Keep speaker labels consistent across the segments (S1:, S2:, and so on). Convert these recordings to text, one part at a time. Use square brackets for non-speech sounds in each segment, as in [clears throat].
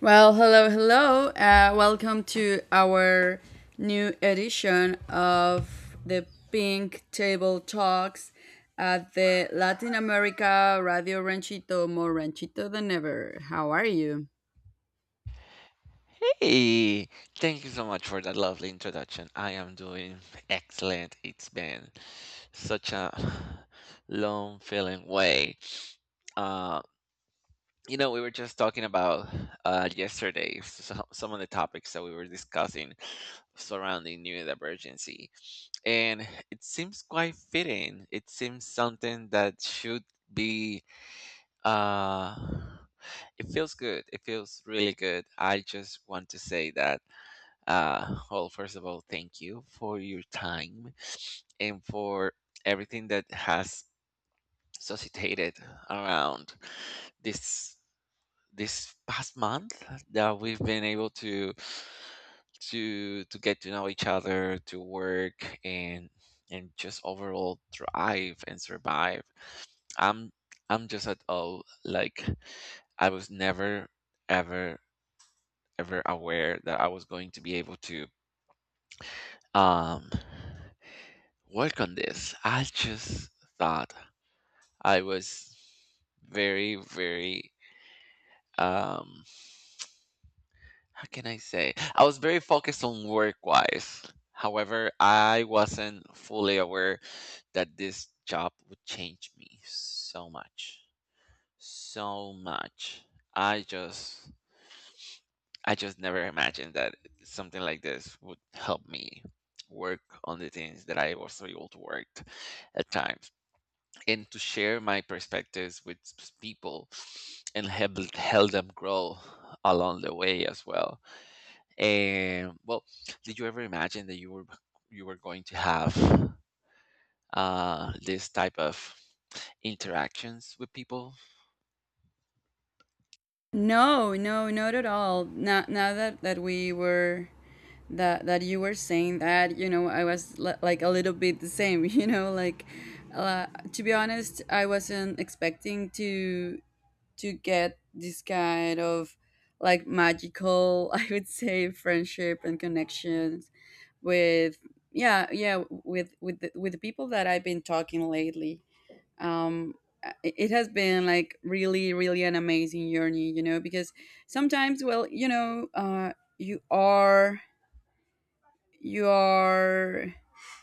S1: Well, hello, hello. Welcome to our new edition of the Pink Table Talks at the Latin America Radio Ranchito, more ranchito than ever. How are you?
S2: Hey, thank you so much for that lovely introduction. I am doing excellent. It's been such a long feeling way. Uh, we were just talking about yesterday so, some of the topics that we were discussing surrounding new emergency, and it seems quite fitting. It seems something that should be, uh, it feels good. It feels really good. I just want to say that. Well, first of all, thank you for your time and for everything that has suscitated around this this past month that we've been able to get to know each other, to work and just overall thrive and survive. I'm I'm just at all like I was never ever ever aware that I was going to be able to um work on this. I just thought I was very, very, um how can I say? I was very focused on work wise. However, I wasn't fully aware that this job would change me so much. So much. I just I just never imagined that something like this would help me work on the things that I was able to work at times, and to share my perspectives with people and help them grow along the way as well. And well, did you ever imagine that you were going to have this type of interactions with people?
S1: No, no, not at all. Now that we were that that you were saying that, you know, I was like a little bit the same. [laughs] You know, like uh, to be honest, I wasn't expecting to get this kind of like magical, [laughs] I would say, friendship and connections with, yeah, yeah, with the people that I've been talking lately. um it has been like really, really an amazing journey, you know, because sometimes, well, you know, you are you are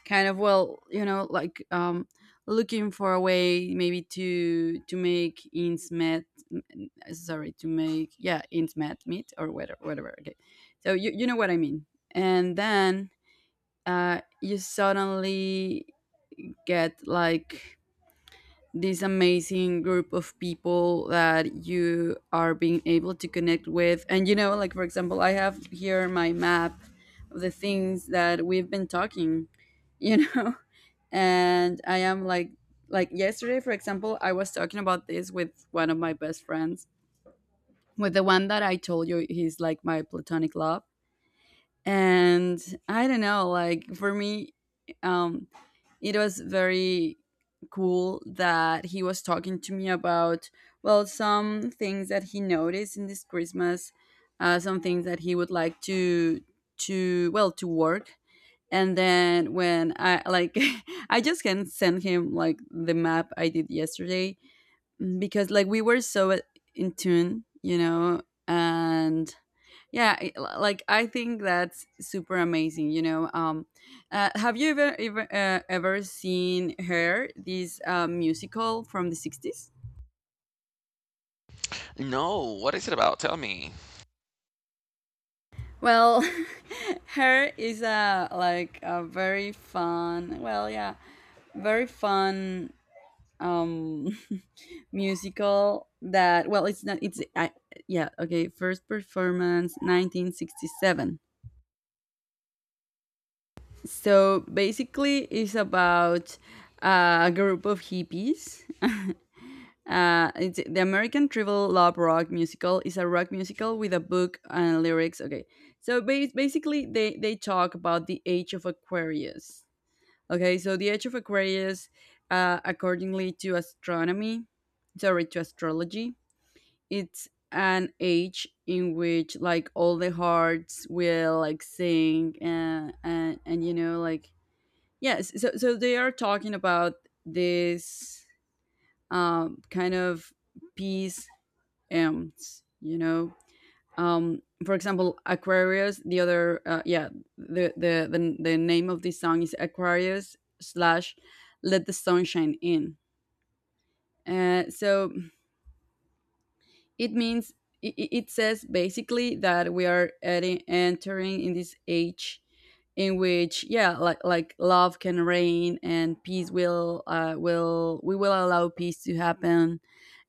S1: kind of, well, you know, like, looking for a way, maybe, to make ends met m- n- sorry, to make yeah ends met meet, or whatever, okay. So you know what I mean. And then you suddenly get like this amazing group of people that you are being able to connect with. And you know, like, for example, I have here my map of the things that we've been talking, you know, [laughs] and I am like, yesterday for example, I was talking about this with one of my best friends, with the one that I told you he's like my platonic love. And I don't know, like, for me, um it was very cool that he was talking to me about, well, some things that he noticed in this Christmas, some things that he would like to, well, to work. And then when I, like, [laughs] I just can send him like the map I did yesterday, because like we were so in tune, you know. And yeah, like I think that's super amazing. You know, have you ever seen Her, this musical from the sixties?
S2: No. What is it about? Tell me.
S1: Well, [laughs] Her is a like a very fun. Well, yeah, very fun, um [laughs] musical that, well, it's not it's I, yeah, okay, first performance 1967. So basically, it's about a group of hippies. [laughs] It's, the American Tribal Love Rock Musical is a rock musical with a book and lyrics. Okay, so basically, they talk about the age of Aquarius. Okay, so the age of Aquarius, accordingly to astronomy, sorry, to astrology, it's an age in which like all the hearts will like sing and, and you know, like, yes, so so they are talking about this, kind of peace ends, you know. For example, Aquarius. The other, yeah, the name of this song is Aquarius slash Let the Sunshine In. So it means, it says basically that we are entering in this age in which, yeah, like love can reign and peace will, will, we will allow peace to happen,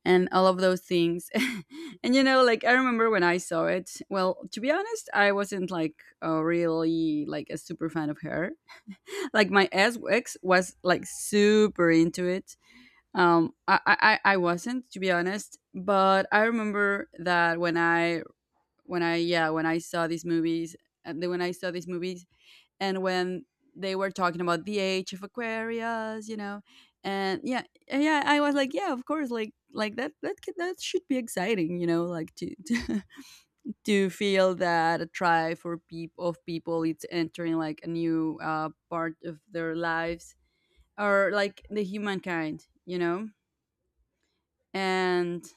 S1: and all of those things. [laughs] And you know, like, I remember when I saw it. Well, to be honest, I wasn't like a really like a super fan of Her. [laughs] Like my ex was like super into it. I wasn't, to be honest, but I remember that when I, yeah, when I saw these movies, and then when I saw these movies and when they were talking about the age of Aquarius, you know, and, yeah, yeah, I was like, yeah, of course, like that that should be exciting, you know, like, [laughs] to feel that a tribe for people of people it's entering like a new, part of their lives, or like the humankind, you know. and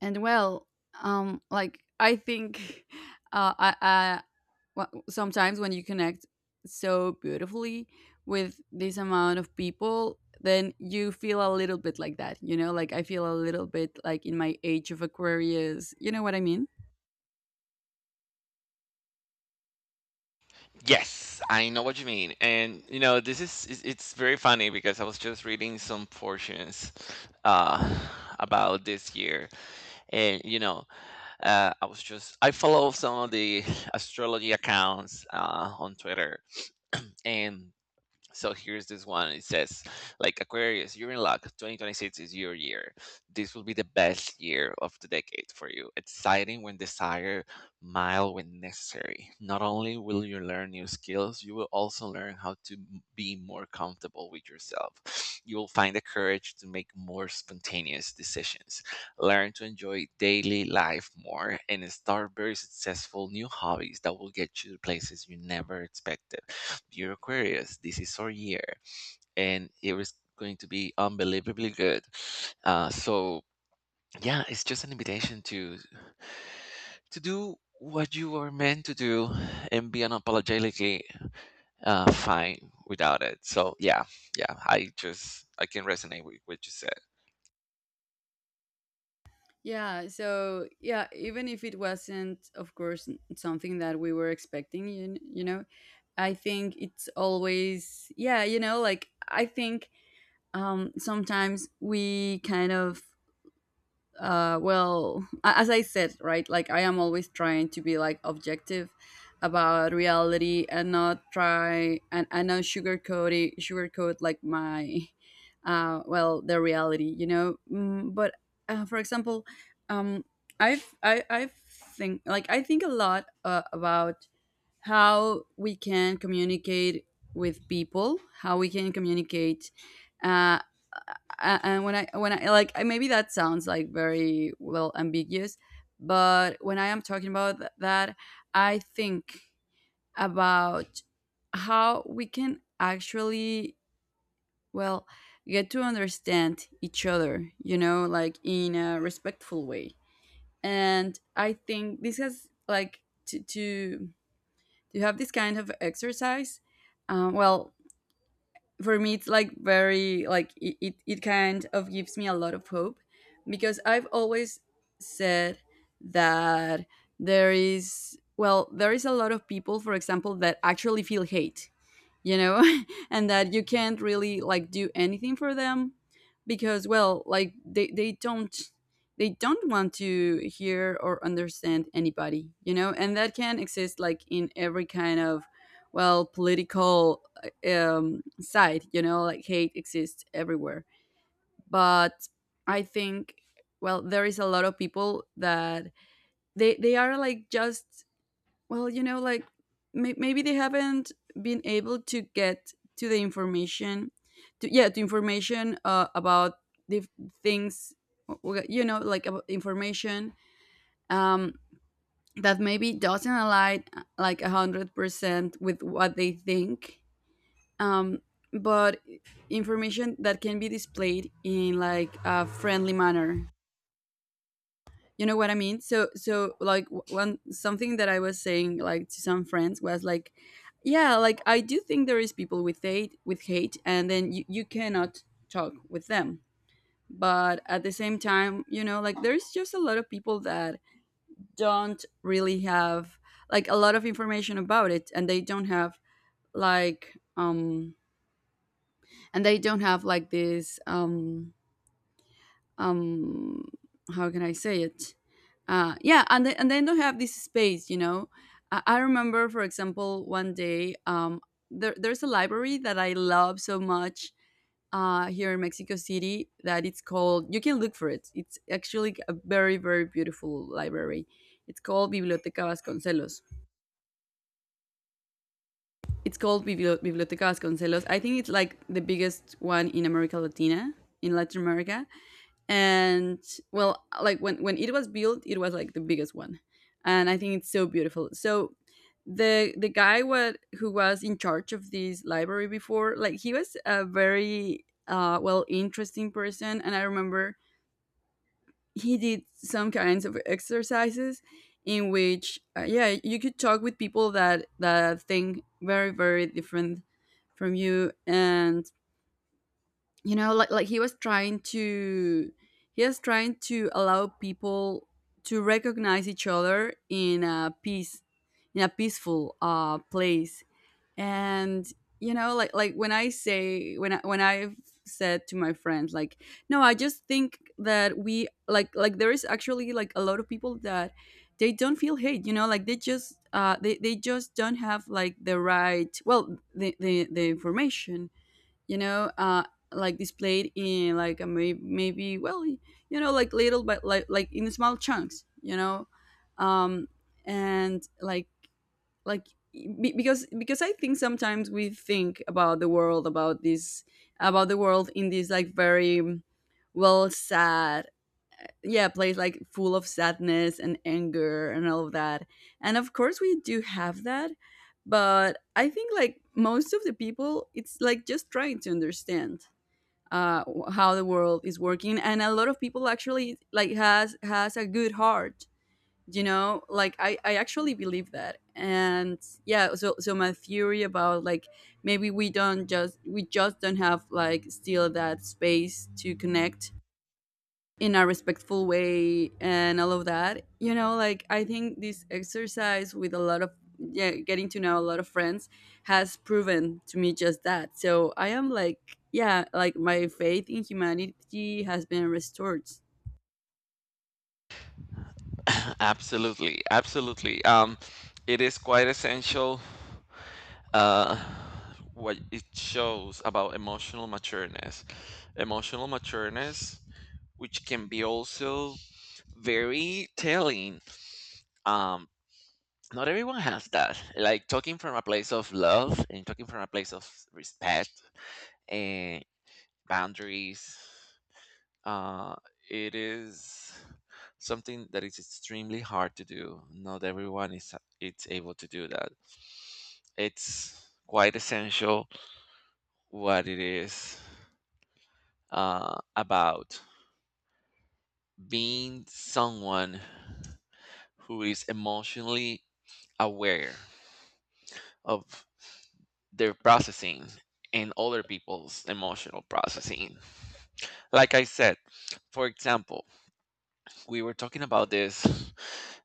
S1: and well, like I think, [laughs] uh i i sometimes when you connect so beautifully with this amount of people, then you feel a little bit like that, you know, like, I feel a little bit like in my age of Aquarius, you know what I mean.
S2: Yes, I know what you mean. And you know, this is it's very funny because I was just reading some portions uh about this year and you know, I was just I follow some of the astrology accounts on Twitter, [clears throat] and so here's this one. It says, like Aquarius, you're in luck. 2026 is your year. This will be the best year of the decade for you. Exciting when desired, mild when necessary. Not only will you learn new skills, you will also learn how to be more comfortable with yourself. You will find the courage to make more spontaneous decisions. Learn to enjoy daily life more and start very successful new hobbies that will get you to places you never expected. You're Aquarius. This is our year, and it was going to be unbelievably good. So yeah, it's just an invitation to do what you are meant to do and be unapologetically, fine without it. So yeah, yeah, I can resonate with what you said.
S1: Yeah, so, yeah, even if it wasn't, of course, something that we were expecting, you, you know, I think it's always, yeah, you know, like, I think, sometimes we kind of, well, as I said, right? Like, I am always trying to be like objective about reality and not try and, not sugarcoat it, sugarcoat like my, well, the reality, you know. Mm, but for example, um, I've think, like, I think a lot, about how we can communicate with people, how we can communicate. Uh, and when I, like, I, maybe that sounds like very, well, ambiguous, but when I am talking about that, I think about how we can actually, well, get to understand each other, you know, like, in a respectful way. And I think this has like to, do you have this kind of exercise? Well, for me, it's like very like, it kind of gives me a lot of hope, because I've always said that, there is, well, there is a lot of people, for example, that actually feel hate, you know, [laughs] and that you can't really like do anything for them, because, well, like they don't, they don't want to hear or understand anybody, you know, and that can exist like in every kind of, well, political, side, you know, like hate exists everywhere. But I think, well, there is a lot of people that they are like just, well, you know, like, maybe they haven't been able to get to the information, to, yeah, to information, about the f- things, you know, like, about information, um, that maybe doesn't align, like 100% with what they think. Um, but information that can be displayed in like a friendly manner, you know what I mean. So, so, like, one, something that I was saying, like, to some friends was like, yeah, like, I do think there is people with hate, with hate, and then you cannot talk with them. But at the same time, you know, like, there's just a lot of people that don't really have like a lot of information about it, and they don't have like, and they don't have like this, um how can I say it? Yeah, and and then don't have this space, you know. I remember, for example, one day, there's a library that I love so much, here in Mexico City, that it's called, you can look for it, it's actually a very, very beautiful library. It's called Biblioteca Vasconcelos. It's called Biblioteca Vasconcelos. I think it's like the biggest one in America Latina, in Latin America. And, well, like when it was built, it was like the biggest one. And I think it's so beautiful. So the guy, what who was in charge of this library before, like, he was a very, well, interesting person. And I remember he did some kinds of exercises in which, yeah, you could talk with people that, think very, very different from you. And you know, like, he was trying to, allow people to recognize each other in a peace, in a peaceful, place. And you know, like, when I say, when I, when I've said to my friends, like, no, I just think that we, like, there is actually like a lot of people that they don't feel hate, you know, like, they just, they, just don't have like the right, well, the, the information, you know. Like, displayed in like a, maybe, well, you know, like, little, but like, in small chunks, you know. um and like, like because, I think sometimes we think about the world, about this, about the world in this like very, well, sad, yeah, place, like full of sadness and anger and all of that. And of course we do have that, but I think, like, most of the people, it's like just trying to understand, uh, how the world is working. And a lot of people actually, like, has a good heart, you know, like, I actually believe that. And yeah, so, so my theory about, like, maybe we don't just, we just don't have like still that space to connect in a respectful way, and all of that, you know. Like, I think this exercise with a lot of, yeah, getting to know a lot of friends, has proven to me just that. So I am like, yeah, like my faith in humanity has been restored.
S2: [laughs] Absolutely, absolutely. It is quite essential, uh, what it shows about emotional matureness. Emotional matureness, which can be also very telling. Um, Not everyone has that. Like talking from a place of love and talking from a place of respect and boundaries. Uh, it is something that is extremely hard to do. Not everyone is it's able to do that. It's quite essential what it is, about being someone who is emotionally aware of their processing and other people's emotional processing. Like I said, for example, we were talking about this,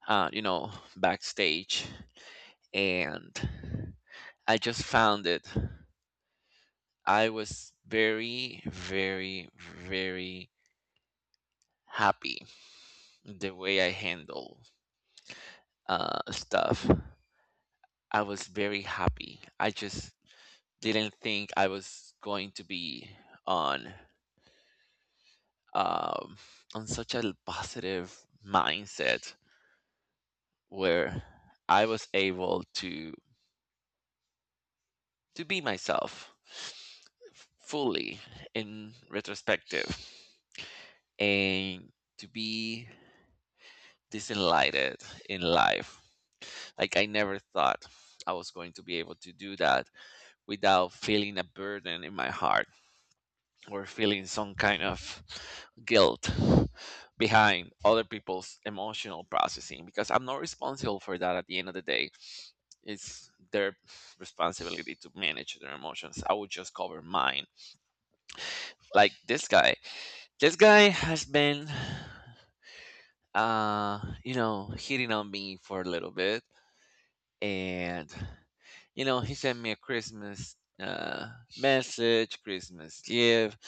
S2: you know, backstage, and I just found it. I was very, very, very happy the way I handle stuff. I was very happy. I just didn't think I was going to be on, um, such a positive mindset where I was able to be myself fully in retrospective, and to be this enlightened in life. Like I never thought I was going to be able to do that without feeling a burden in my heart or feeling some kind of guilt behind other people's emotional processing, because I'm not responsible for that at the end of the day. It's their responsibility to manage their emotions. I would just cover mine. Like this guy. This guy has been, you know, hitting on me for a little bit. And, you know, he sent me a Christmas message, Christmas gift.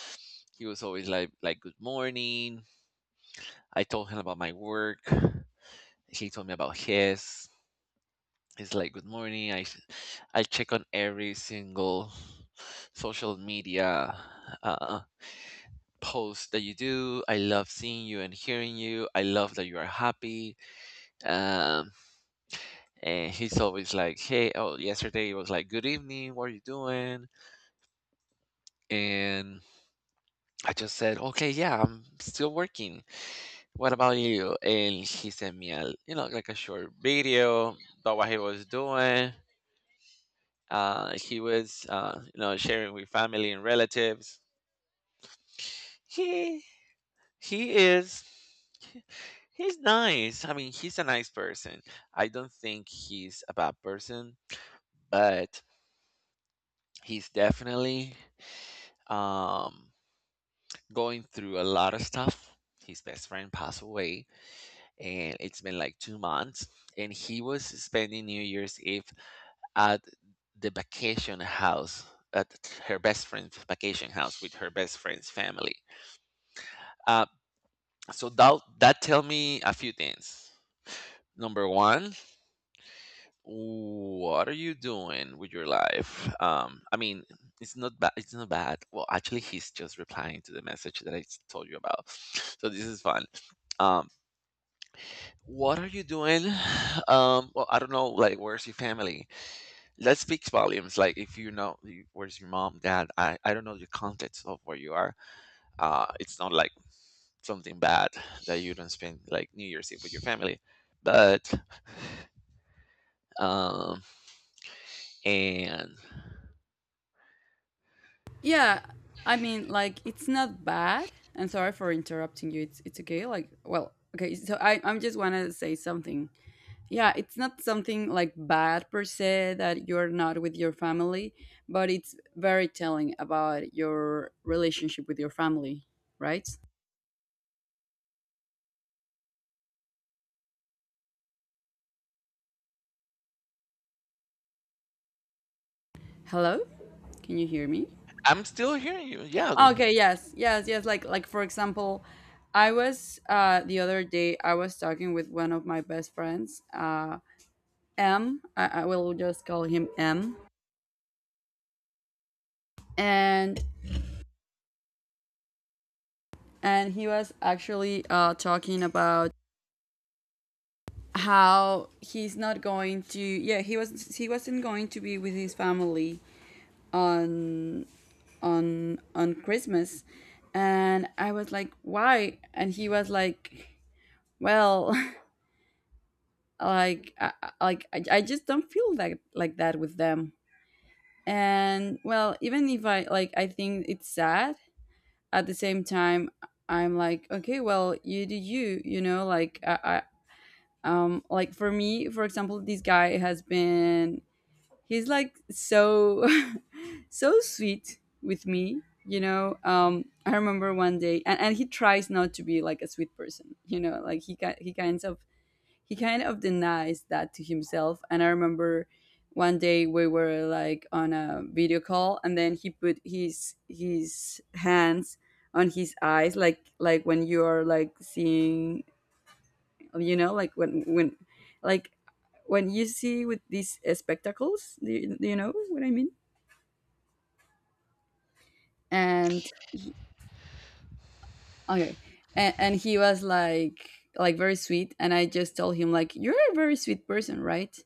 S2: He was always like, good morning. I told him about my work. He told me about his. He's like, good morning. I check on every single social media uh, post that you do. I love seeing you and hearing you. I love that you are happy. Um, and he's always like, "Hey, oh, yesterday it was like, good evening, what are you doing?" And I just said, "Okay, yeah, I'm still working. What about you?" And he sent me a, like a short video about what he was doing. He was, sharing with family and relatives. He he is. He's nice. I mean, he's a nice person. I don't think he's a bad person, but he's definitely, um going through a lot of stuff. His best friend passed away, and it's been like 2 months. And he was spending New Year's Eve at the vacation house, at her best friend's vacation house with her best friend's family. Uh, so that tell me a few things. Number one, what are you doing with your life? I mean, it's not bad. It's not bad. Well, actually, he's just replying to the message that I told you about. So this is fun. Um, What are you doing? Well, I don't know, like, where's your family? That speaks volumes. Like, if you know, where's your mom, dad? I don't know the context of where you are. It's not like something bad that you don't spend like New Year's Eve with your family, but, um, and
S1: Yeah, I mean, like, it's not bad. I'm sorry for interrupting you. It's okay. Like, well, okay, so I'm just want to say something. Yeah, it's not something like bad per se that you're not with your family, but it's very telling about your relationship with your family, right? Hello, can you hear me?
S2: I'm still hearing you. Yeah,
S1: Okay, yes, yes, yes, like for example, I was the other day I was talking with one of my best friends, M. I will just call him M. and and he was actually talking about how he's not going to, yeah, he wasn't going to be with his family on, on Christmas. And I was like, why? And he was like, well, [laughs] like I just don't feel like that with them. And, well, even if I, like, I think it's sad. At the same time I'm like, okay, well, you do you, you know, like, I Like, for me, for example, this guy has been, he's like so, [laughs] so sweet with me, you know. I remember one day, and he tries not to be like a sweet person, you know, like, he kind of denies that to himself. And I remember one day we were like on a video call, and then he put his hands on his eyes, like when you are like seeing, you know, like, like when you see with these spectacles. Do you know what I mean? And okay. And he was like very sweet, and I just told him, like, you're a very sweet person, right?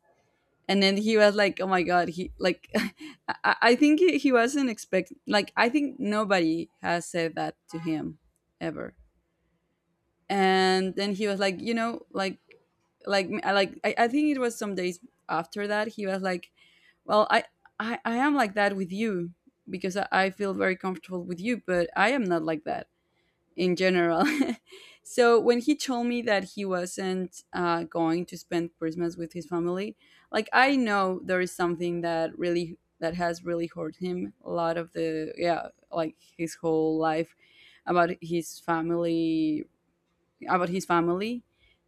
S1: And then he was like, oh my god, he like [laughs] I think he wasn't expect, like I think nobody has said that to him, ever. And then he was like, you know, like, like I think it was some days after that he was like, well, I am like that with you because I feel very comfortable with you, but I am not like that in general. [laughs] So when he told me that he wasn't going to spend Christmas with his family, like I know there is something that really, that has really hurt him a lot of the, yeah, like his whole life, about his family about his family.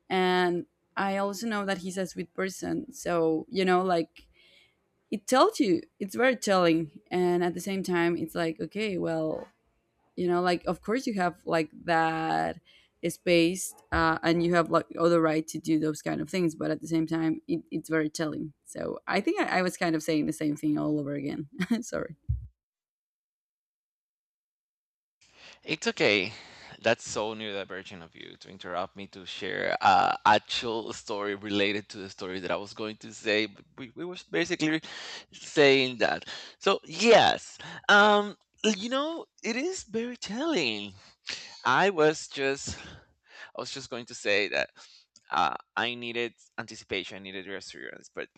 S1: And I also know that he's a sweet person. So, you know, like, it tells you, it's very telling. And at the same time, it's like, okay, well, you know, like, of course you have like that space, and you have like all the right to do those kind of things. But at the same time, it's very telling. So I think I was kind of saying the same thing all over again. [laughs] Sorry.
S2: it's okay. That's so neurodivergent of you to interrupt me to share a actual story related to the story that I was going to say. But we were basically saying that. So yes, um, you know, it is very telling. I was just, I was just going to say that, I needed anticipation, I needed reassurance, but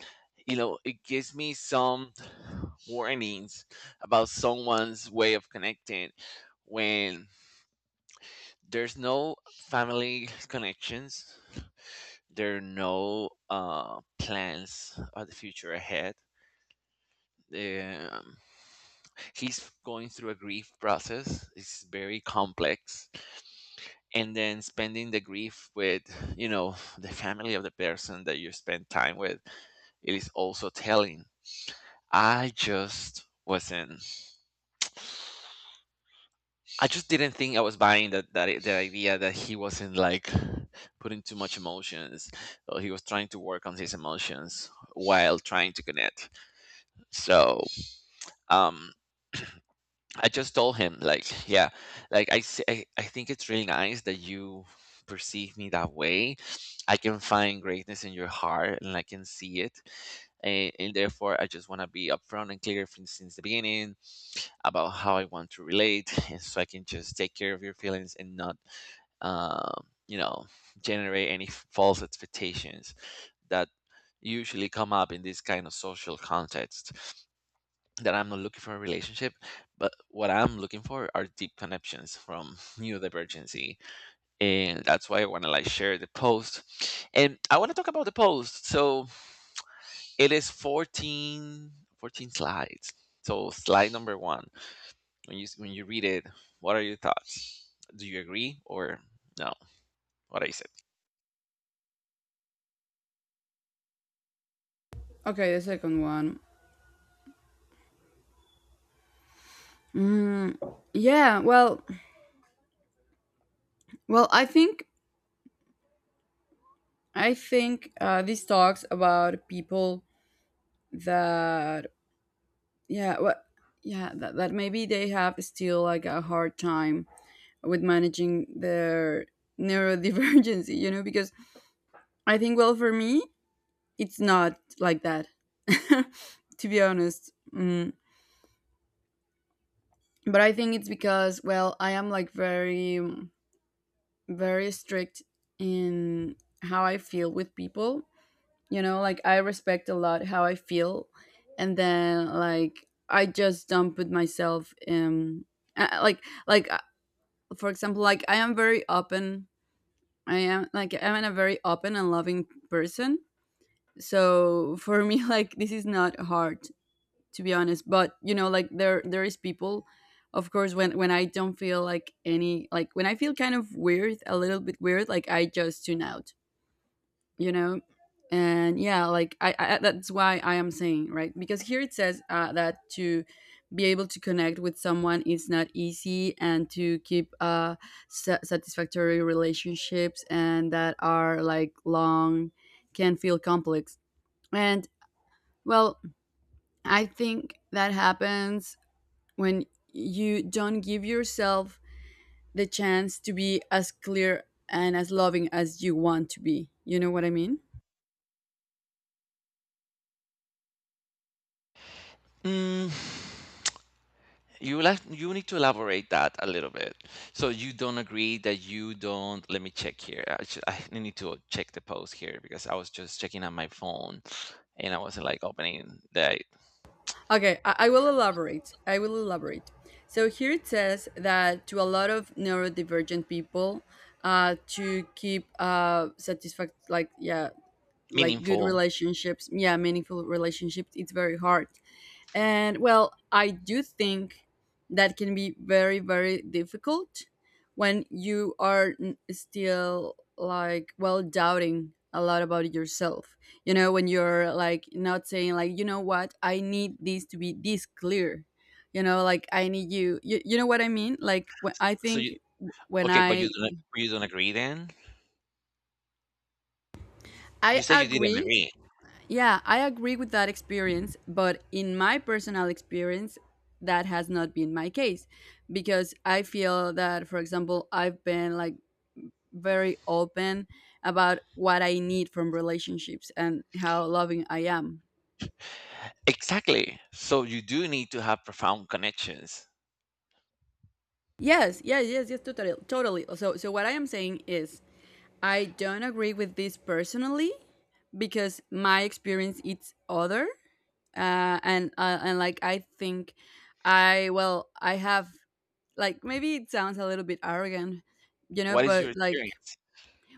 S2: it gives me some warnings about someone's way of connecting, when there's no family connections, there are no plans of the future ahead. um, he's going through a grief process. It's very complex, and then spending the grief with, the family of the person that you spend time with, it is also telling. i just wasn't I just didn't think I was buying the idea that he wasn't like putting too much emotions, or he was trying to work on his emotions while trying to connect. So, um, I just told him like, yeah, like, I, s- I think it's really nice that you perceive me that way. I can find greatness in your heart, and I can see it. And, therefore, I just want to be upfront and clear from, since the beginning, about how I want to relate, and so I can just take care of your feelings and not, you know, generate any false expectations that usually come up in this kind of social context. That I'm not looking for a relationship, but what I'm looking for are deep connections from [laughs] neurodivergency, and that's why I want to like share the post. And I want to talk about the post. So it is 14 slides. So slide number one. When you read it, what are your thoughts? Do you agree or no? What I said.
S1: Okay, the second one. Mm. Yeah, I think, this talks about people that, yeah, well, yeah, that maybe they have still like a hard time with managing their neurodivergency, you know, because I think, well, for me it's not like that, [laughs] to be honest, But I think it's because, well, I am like very, very strict in how I feel with people, you know. Like, I respect a lot how I feel, and then, like, I just don't put myself in, like for example, like, I am very open. I am like, I'm a very open and loving person. So for me, [laughs] like, this is not hard, to be honest. But you know, like, there is people, of course, when I don't feel like any, like, when I feel kind of weird, a little bit weird, like, I just tune out, you know. And, yeah, like, I that's why I am saying, right? Because here it says, that to be able to connect with someone is not easy, and to keep satisfactory relationships, and that are like long, can feel complex. And, well, I think that happens when you don't give yourself the chance to be as clear and as loving as you want to be. You know what I mean?
S2: Mm, you, you need to elaborate that a little bit. So you don't agree that you don't. Let me check here. I need to check the post here because I was just checking on my phone, and I wasn't like opening the
S1: Okay, I will elaborate. I will elaborate. So here it says that to a lot of neurodivergent people, to keep, satisfact like, yeah, like good
S2: meaningful.
S1: relationships, yeah, meaningful relationships, it's very hard. And, well, I do think that can be very, very difficult when you are still, like, well, doubting a lot about yourself. You know, when you're like not saying, like, you know what, I need this to be this clear. You know, like, I need you. You know what I mean? Like, when, I
S2: So
S1: think, when
S2: but
S1: I.
S2: you don't agree then? You
S1: I
S2: said you didn't
S1: agree.
S2: agree.
S1: Yeah, I agree with that experience, but in my personal experience, that has not been my case, because I feel that, for example, I've been like very open about what I need from relationships and how loving I am.
S2: Exactly. So you do need to have profound connections.
S1: Yes, yes, yes, yes, totally, totally. So what I am saying is, I don't agree with this personally because my experience it's other, and, like, I think, I well, I have, like, maybe it sounds a little bit arrogant, you know,
S2: What is
S1: but,
S2: your
S1: like,
S2: experience?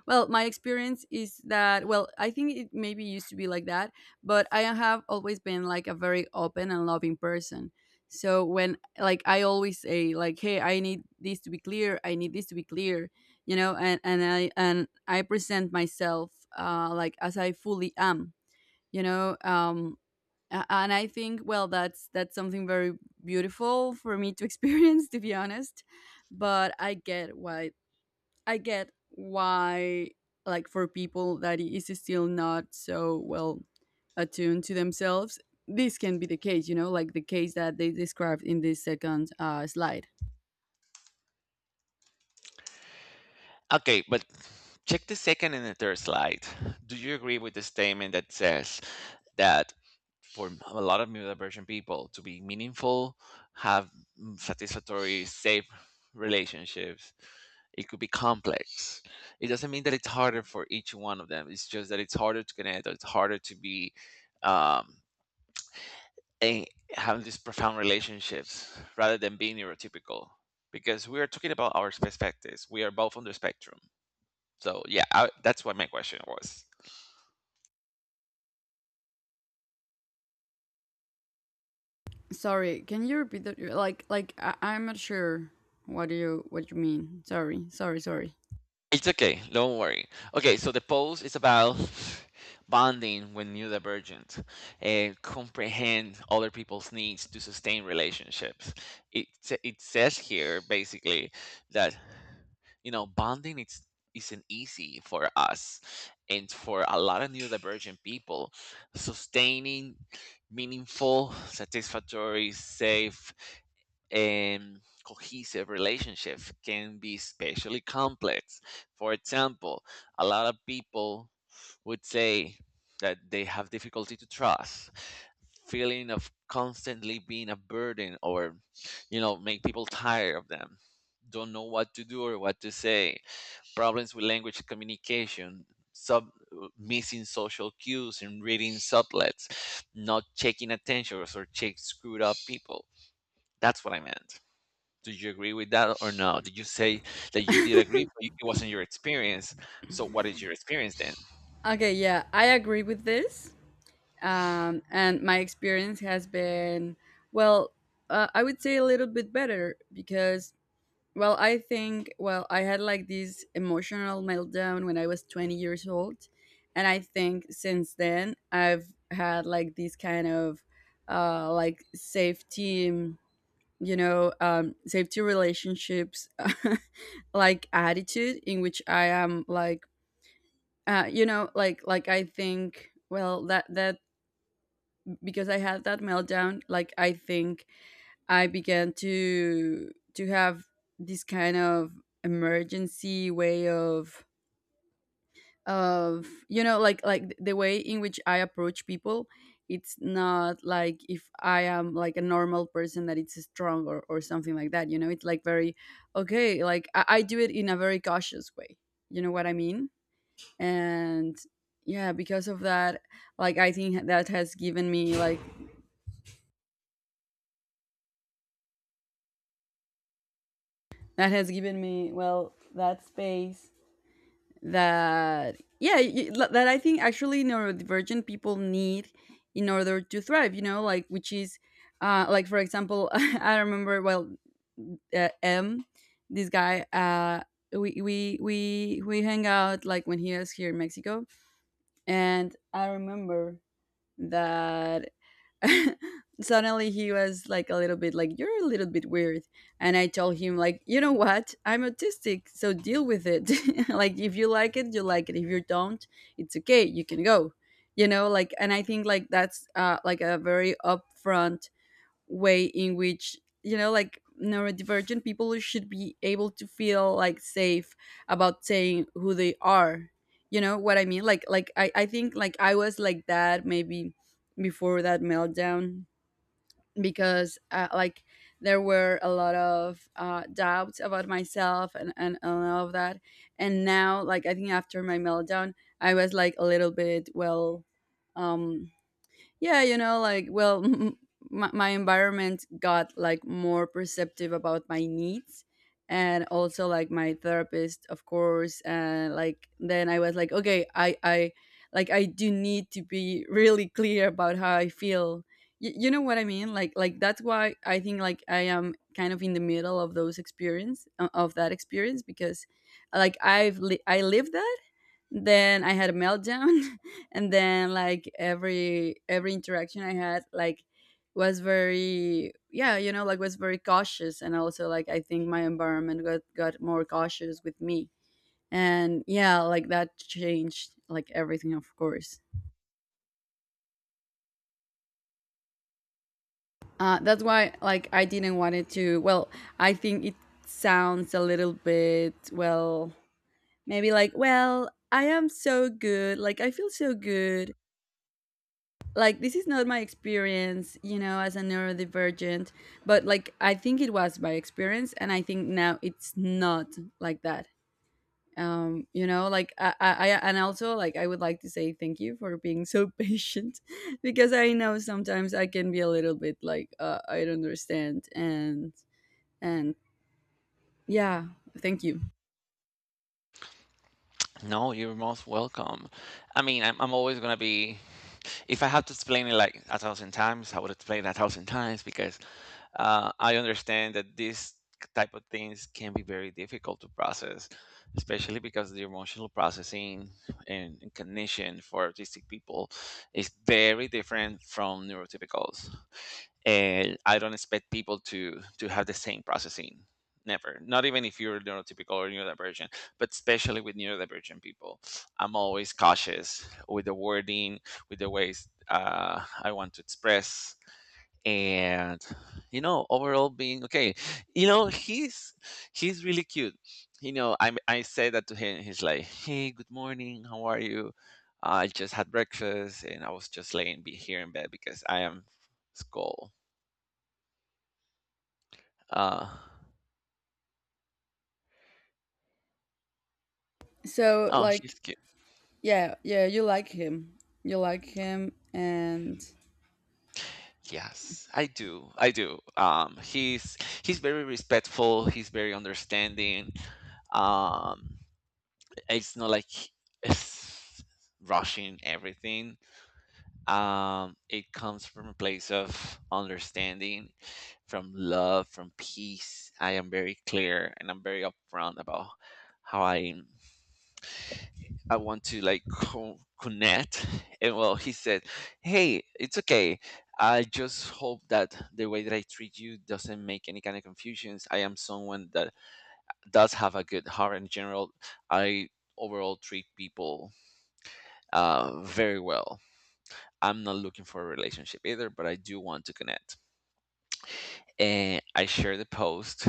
S1: well, my experience is that, well, I think it maybe used to be like that, but I have always been like a very open and loving person. So when, like, I always say, like, hey, I need this to be clear, I need this to be clear, you know. And I present myself, like, as I fully am, you know. And I think, well, that's something very beautiful for me to experience, [laughs] to be honest. But I get why. I get why. Like, for people that is still not so well attuned to themselves, this can be the case, you know, like the case that they described in this second slide.
S2: Okay, but check the second and the third slide. Do you agree with the statement that says, that for a lot of neurodivergent people to be meaningful, have, satisfactory, safe relationships. It could be complex. It doesn't mean that it's harder for each one of them. It's just that it's harder to connect. Or it's harder to be, um, a, having these profound relationships rather than being neurotypical, because we are talking about our perspectives. We are both on the spectrum. So yeah, that's what my question was.
S1: Sorry, can you repeat that? Like I'm not sure what you mean. Sorry, sorry, sorry.
S2: It's okay. Don't worry. Okay, so the post is about bonding when new divergent and comprehend other people's needs to sustain relationships. It says here basically that bonding it's isn't easy for us, and for a lot of new divergent people, sustaining meaningful, satisfactory, safe, cohesive relationship can be especially complex. For example, a lot of people would say that they have difficulty to trust, feeling of constantly being a burden or, make people tired of them, don't know what to do or what to say, problems with language communication. Sub missing social cues and reading sublets, not checking attentions or check screwed up people. That's what I meant. Do you agree with that or no? Did you say that you did agree, but it wasn't your experience? So what is your experience then?
S1: Okay, yeah, I agree with this. And my experience has been, well, I would say a little bit better because, well, I think, well, I had like this emotional meltdown when I was 20 years old. And I think since then I've had like this kind of, like, safety, you know, safety relationships [laughs] like attitude in which I am like, you know, like, I think, well, that because I had that meltdown, like I think I began to have this kind of emergency way of you know, like, the way in which I approach people. It's not like if I am like a normal person that it's strong, or something like that. You know, it's like very okay. Like, I do it in a very cautious way. You know what I mean? And, yeah, because of that, like, I think that has given me, well, that space that, yeah, that I think actually neurodivergent people need in order to thrive. You know, like, which is, like, for example, [laughs] I remember, well, M, this guy. We hang out like when he was here in Mexico, and I remember that, [laughs] suddenly he was like a little bit like, you're a little bit weird, and I told him, like, you know what, I'm autistic, so deal with it. [laughs] Like, if you like it, you like it. If you don't, it's okay, you can go, you know. Like, and I think, like, that's, like, a very upfront way in which, you know, like, neurodivergent people should be able to feel like safe about saying who they are. You know what I mean? Like I think, like, I was like that, maybe, before that meltdown, because, like, there were a lot of doubts about myself, and all of that. And now, like, I think after my meltdown, I was like a little bit, well, um yeah, you know, like, well. [laughs] My environment got like more perceptive about my needs, and also, like, my therapist, of course. And, like, then I was like, okay, I like I do need to be [laughs] really clear about how I feel. You know what I mean? Like that's why I think, like, I am kind of in the middle of of that experience. Because, like, I lived that, then I had a meltdown. [laughs] And then, like, every interaction I had, like, was very, yeah, like, was very cautious. And also, like, I think my environment got more cautious with me. And, yeah, like, that changed like everything, of course. That's why, like, I didn't want it to... well, I think it Sounds a little bit, well, maybe like, well, I am so good, like I feel so good. Like this is not my experience, you know, as a neurodivergent, but like I think it was my experience and I think now it's not like that. You know, like and also like I would like to say thank you for being so [laughs] patient because I know sometimes I can be a little bit like I don't understand. And Yeah, thank you.
S2: No, you're most welcome. I mean, I'm always going to be, if I have to explain it like 1,000 times, I would explain it 1,000 times because I understand that these type of things can be very difficult to process, especially because the emotional processing and cognition for autistic people is very different from neurotypicals. And I don't expect people to have the same processing. Never. Not even if you're neurotypical or neurodivergent, but especially with neurodivergent people, I'm always cautious with the wording, with the ways I want to express, and you know, overall being okay. You know, he's really cute. You know, I say that to him. He's like, "Hey, good morning. How are you? I just had breakfast and I was just laying be here in bed because I am school." Uh,
S1: So
S2: oh, she's
S1: like,
S2: cute.
S1: yeah, yeah, you like him, you like him. And,
S2: Yes, I do. I do. He's he's very respectful. He's very understanding. Um, it's not like it's rushing everything. It comes from a place of understanding, from love, from peace. I am very clear and I'm very upfront about how I am. I want to like connect. And well, he said, "Hey, it's okay. I just hope that the way that I treat you doesn't make any kind of confusions. I am someone that does have a good heart in general. I overall treat people very well. I'm not looking for a relationship either, but I do want to connect." And I share the post.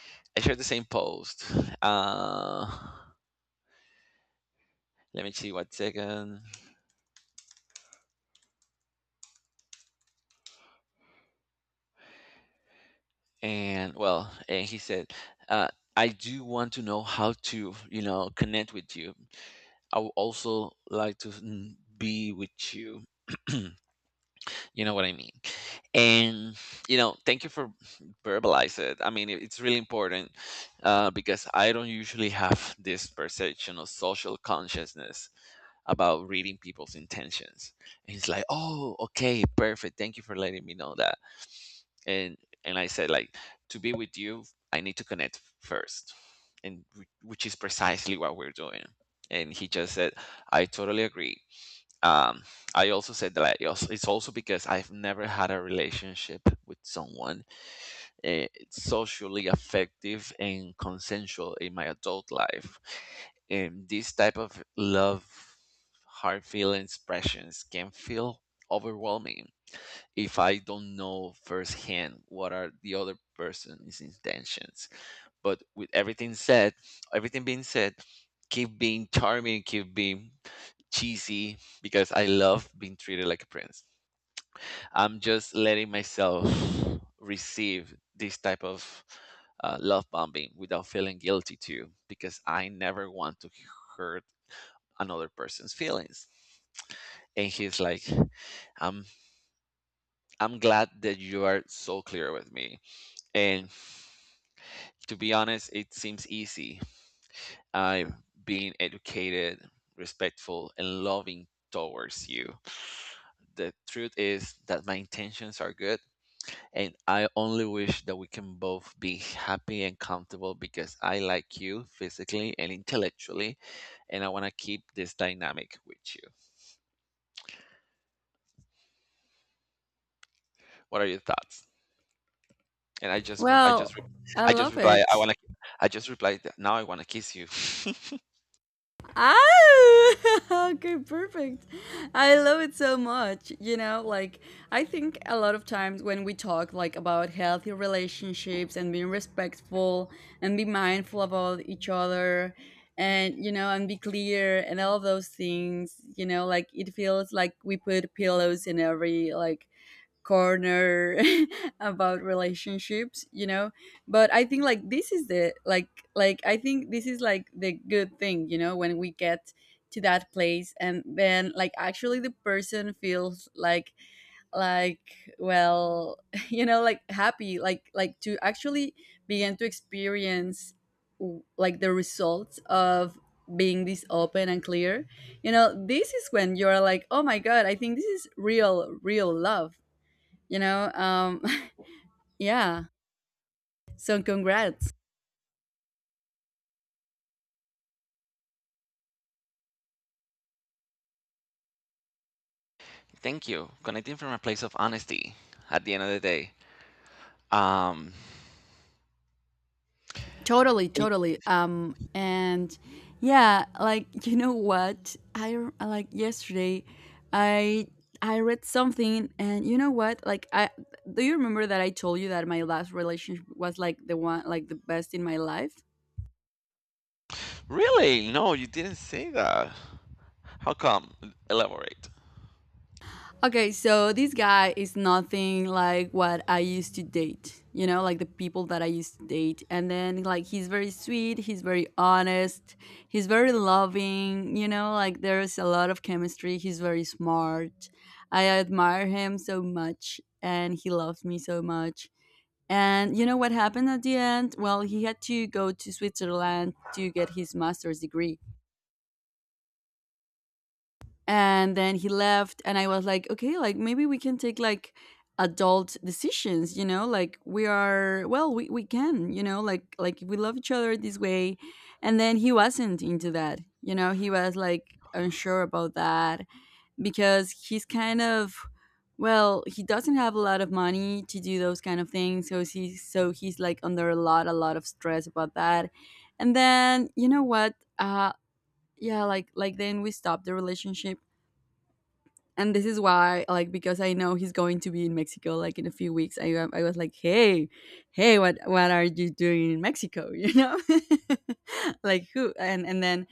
S2: I share the same post. Uh, Let me see what second. And well, and he said, uh, "I do want to know how to, you know, connect with you. I would also like to be with you. [clears throat] You know what I mean?" And, you know, thank you for verbalize it. I mean, it's really important, because I don't usually have this perception of social consciousness about reading people's intentions. And he's like, "Oh, okay, perfect. Thank you for letting me know that." and and I said like, "To be with you, I need to connect first. And which is precisely what we're doing." And he just said, "I totally agree." um, I also said that, I also, it's also because I've never had a relationship with someone socially effective and consensual in my adult life, and this type of love, heart feeling expressions can feel overwhelming if I don't know firsthand what are the other person's intentions. But with everything said, everything being said, keep being charming, keep being cheesy because I love being treated like a prince. I'm just letting myself receive this type of love bombing without feeling guilty too, because I never want to hurt another person's feelings. And he's like, I'm "I'm glad that you are so clear with me. And to be honest, it seems easy. I'm being educated, respectful, and loving towards you. The truth is that my intentions are good, and I only wish that we can both be happy and comfortable because I like you physically and intellectually, and I want to keep this dynamic with you. What are your thoughts?" And
S1: well, I
S2: I just
S1: love
S2: reply, I
S1: it.
S2: want to, I just replied, that now I want to kiss you. [laughs]
S1: Ah, [laughs] okay, perfect. I love it so much. You know, like I think a lot of times when we talk like about healthy relationships and being respectful and be mindful about each other, and you know, and be clear and all those things, you know, like it feels like we put pillows in every like corner [laughs] about relationships, you know. But I think like this is the, like I think this is like the good thing, you know, when we get to that place, and then like actually the person feels like, well, [laughs] you know, like happy, like to actually begin to experience like the results of being this open and clear. You know, this is when you're like, oh my god, I think this is real, real love, you know. [laughs] Yeah. So, congrats.
S2: Thank you. Connecting from a place of honesty at the end of the day. Um,
S1: Totally,
S2: it-
S1: totally. And yeah, like, [laughs] you know what, like yesterday i I read something, and you know what, like I, do you remember that I told you that my last relationship was like the one, like the best in my life?
S2: Really? No, you didn't say that. How come? Elaborate.
S1: Okay, so this guy is nothing like what I used to date, you know, like the people that I used to date. And then, like, he's very sweet, he's very honest, he's very loving, you know, like, there's a lot of chemistry. He's very smart. I admire him so much, and he loves me so much. And you know what happened at the end? Well, he had to go to Switzerland to get his master's degree, and then he left and I was like, okay, like maybe we can take like adult decisions, you know, like we are, well, we can, you know, like we love each other this way. And then he wasn't into that, you know, he was like unsure about that, because he's kind of, well, he doesn't have a lot of money to do those kind of things, so he's like under a lot of stress about that. And then you know what, yeah, like then we stopped the relationship. And this is why, like, because I know he's going to be in Mexico like in a few weeks, I was like, hey, hey, what are you doing in Mexico? [laughs] You know, [laughs] like who. And then,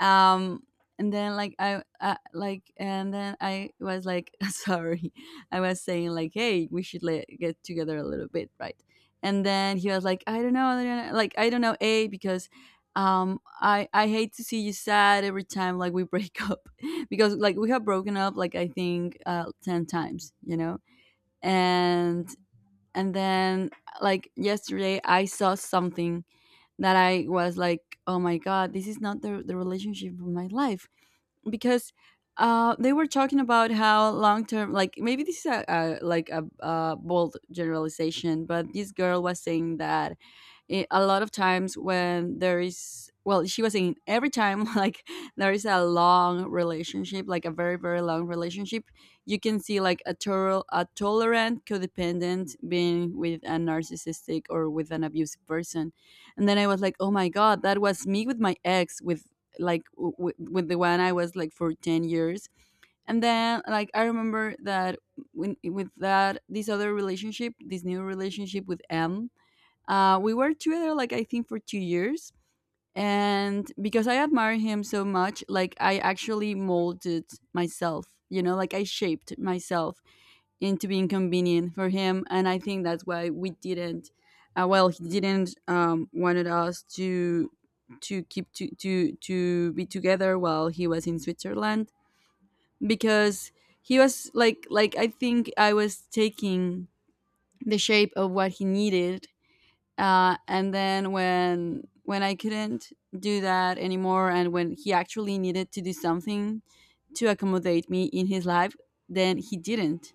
S1: um and then like I like, and then I was like, [laughs] sorry, I was saying like, hey, we should get together a little bit, right? And then he was like, I don't know, I don't know, like I don't know, a, because I hate to see you sad every time like we break [laughs] up, because like we have broken up like I think 10 times, you know. And and then, like yesterday I saw something that I was like, oh my god, this is not the relationship of my life, because they were talking about how long term, like maybe this is a, like a bold generalization, but this girl was saying that, a lot of times when there is, well, she was saying every time [laughs] like there is a long relationship, like a very, very long relationship, you can see like a tolerant codependent being with a narcissistic or with an abusive person. And then I was like, oh my god, that was me with my ex, with like with the one I was like for 10 years. And then like I remember that when, with that, this other relationship, this new relationship with M, we were together like I think for 2 years. And because I admire him so much, like I actually molded myself, you know, like I shaped myself, and to be inconvenient for him. And I think that's why we didn't. Well, he didn't wanted us to to be together while he was in Switzerland, because he was like I think I was taking the shape of what he needed, and then when I couldn't do that anymore, and when he actually needed to do something to accommodate me in his life, then he didn't,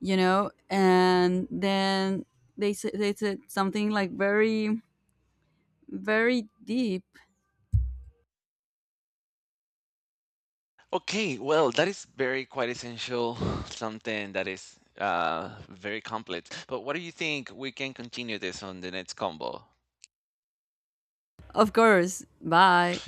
S1: you know. And then they they said something like very, very deep.
S2: Okay, well, that is very quite essential, something that is very complex. But what do you think? We can continue this on the next combo.
S1: Of course, bye.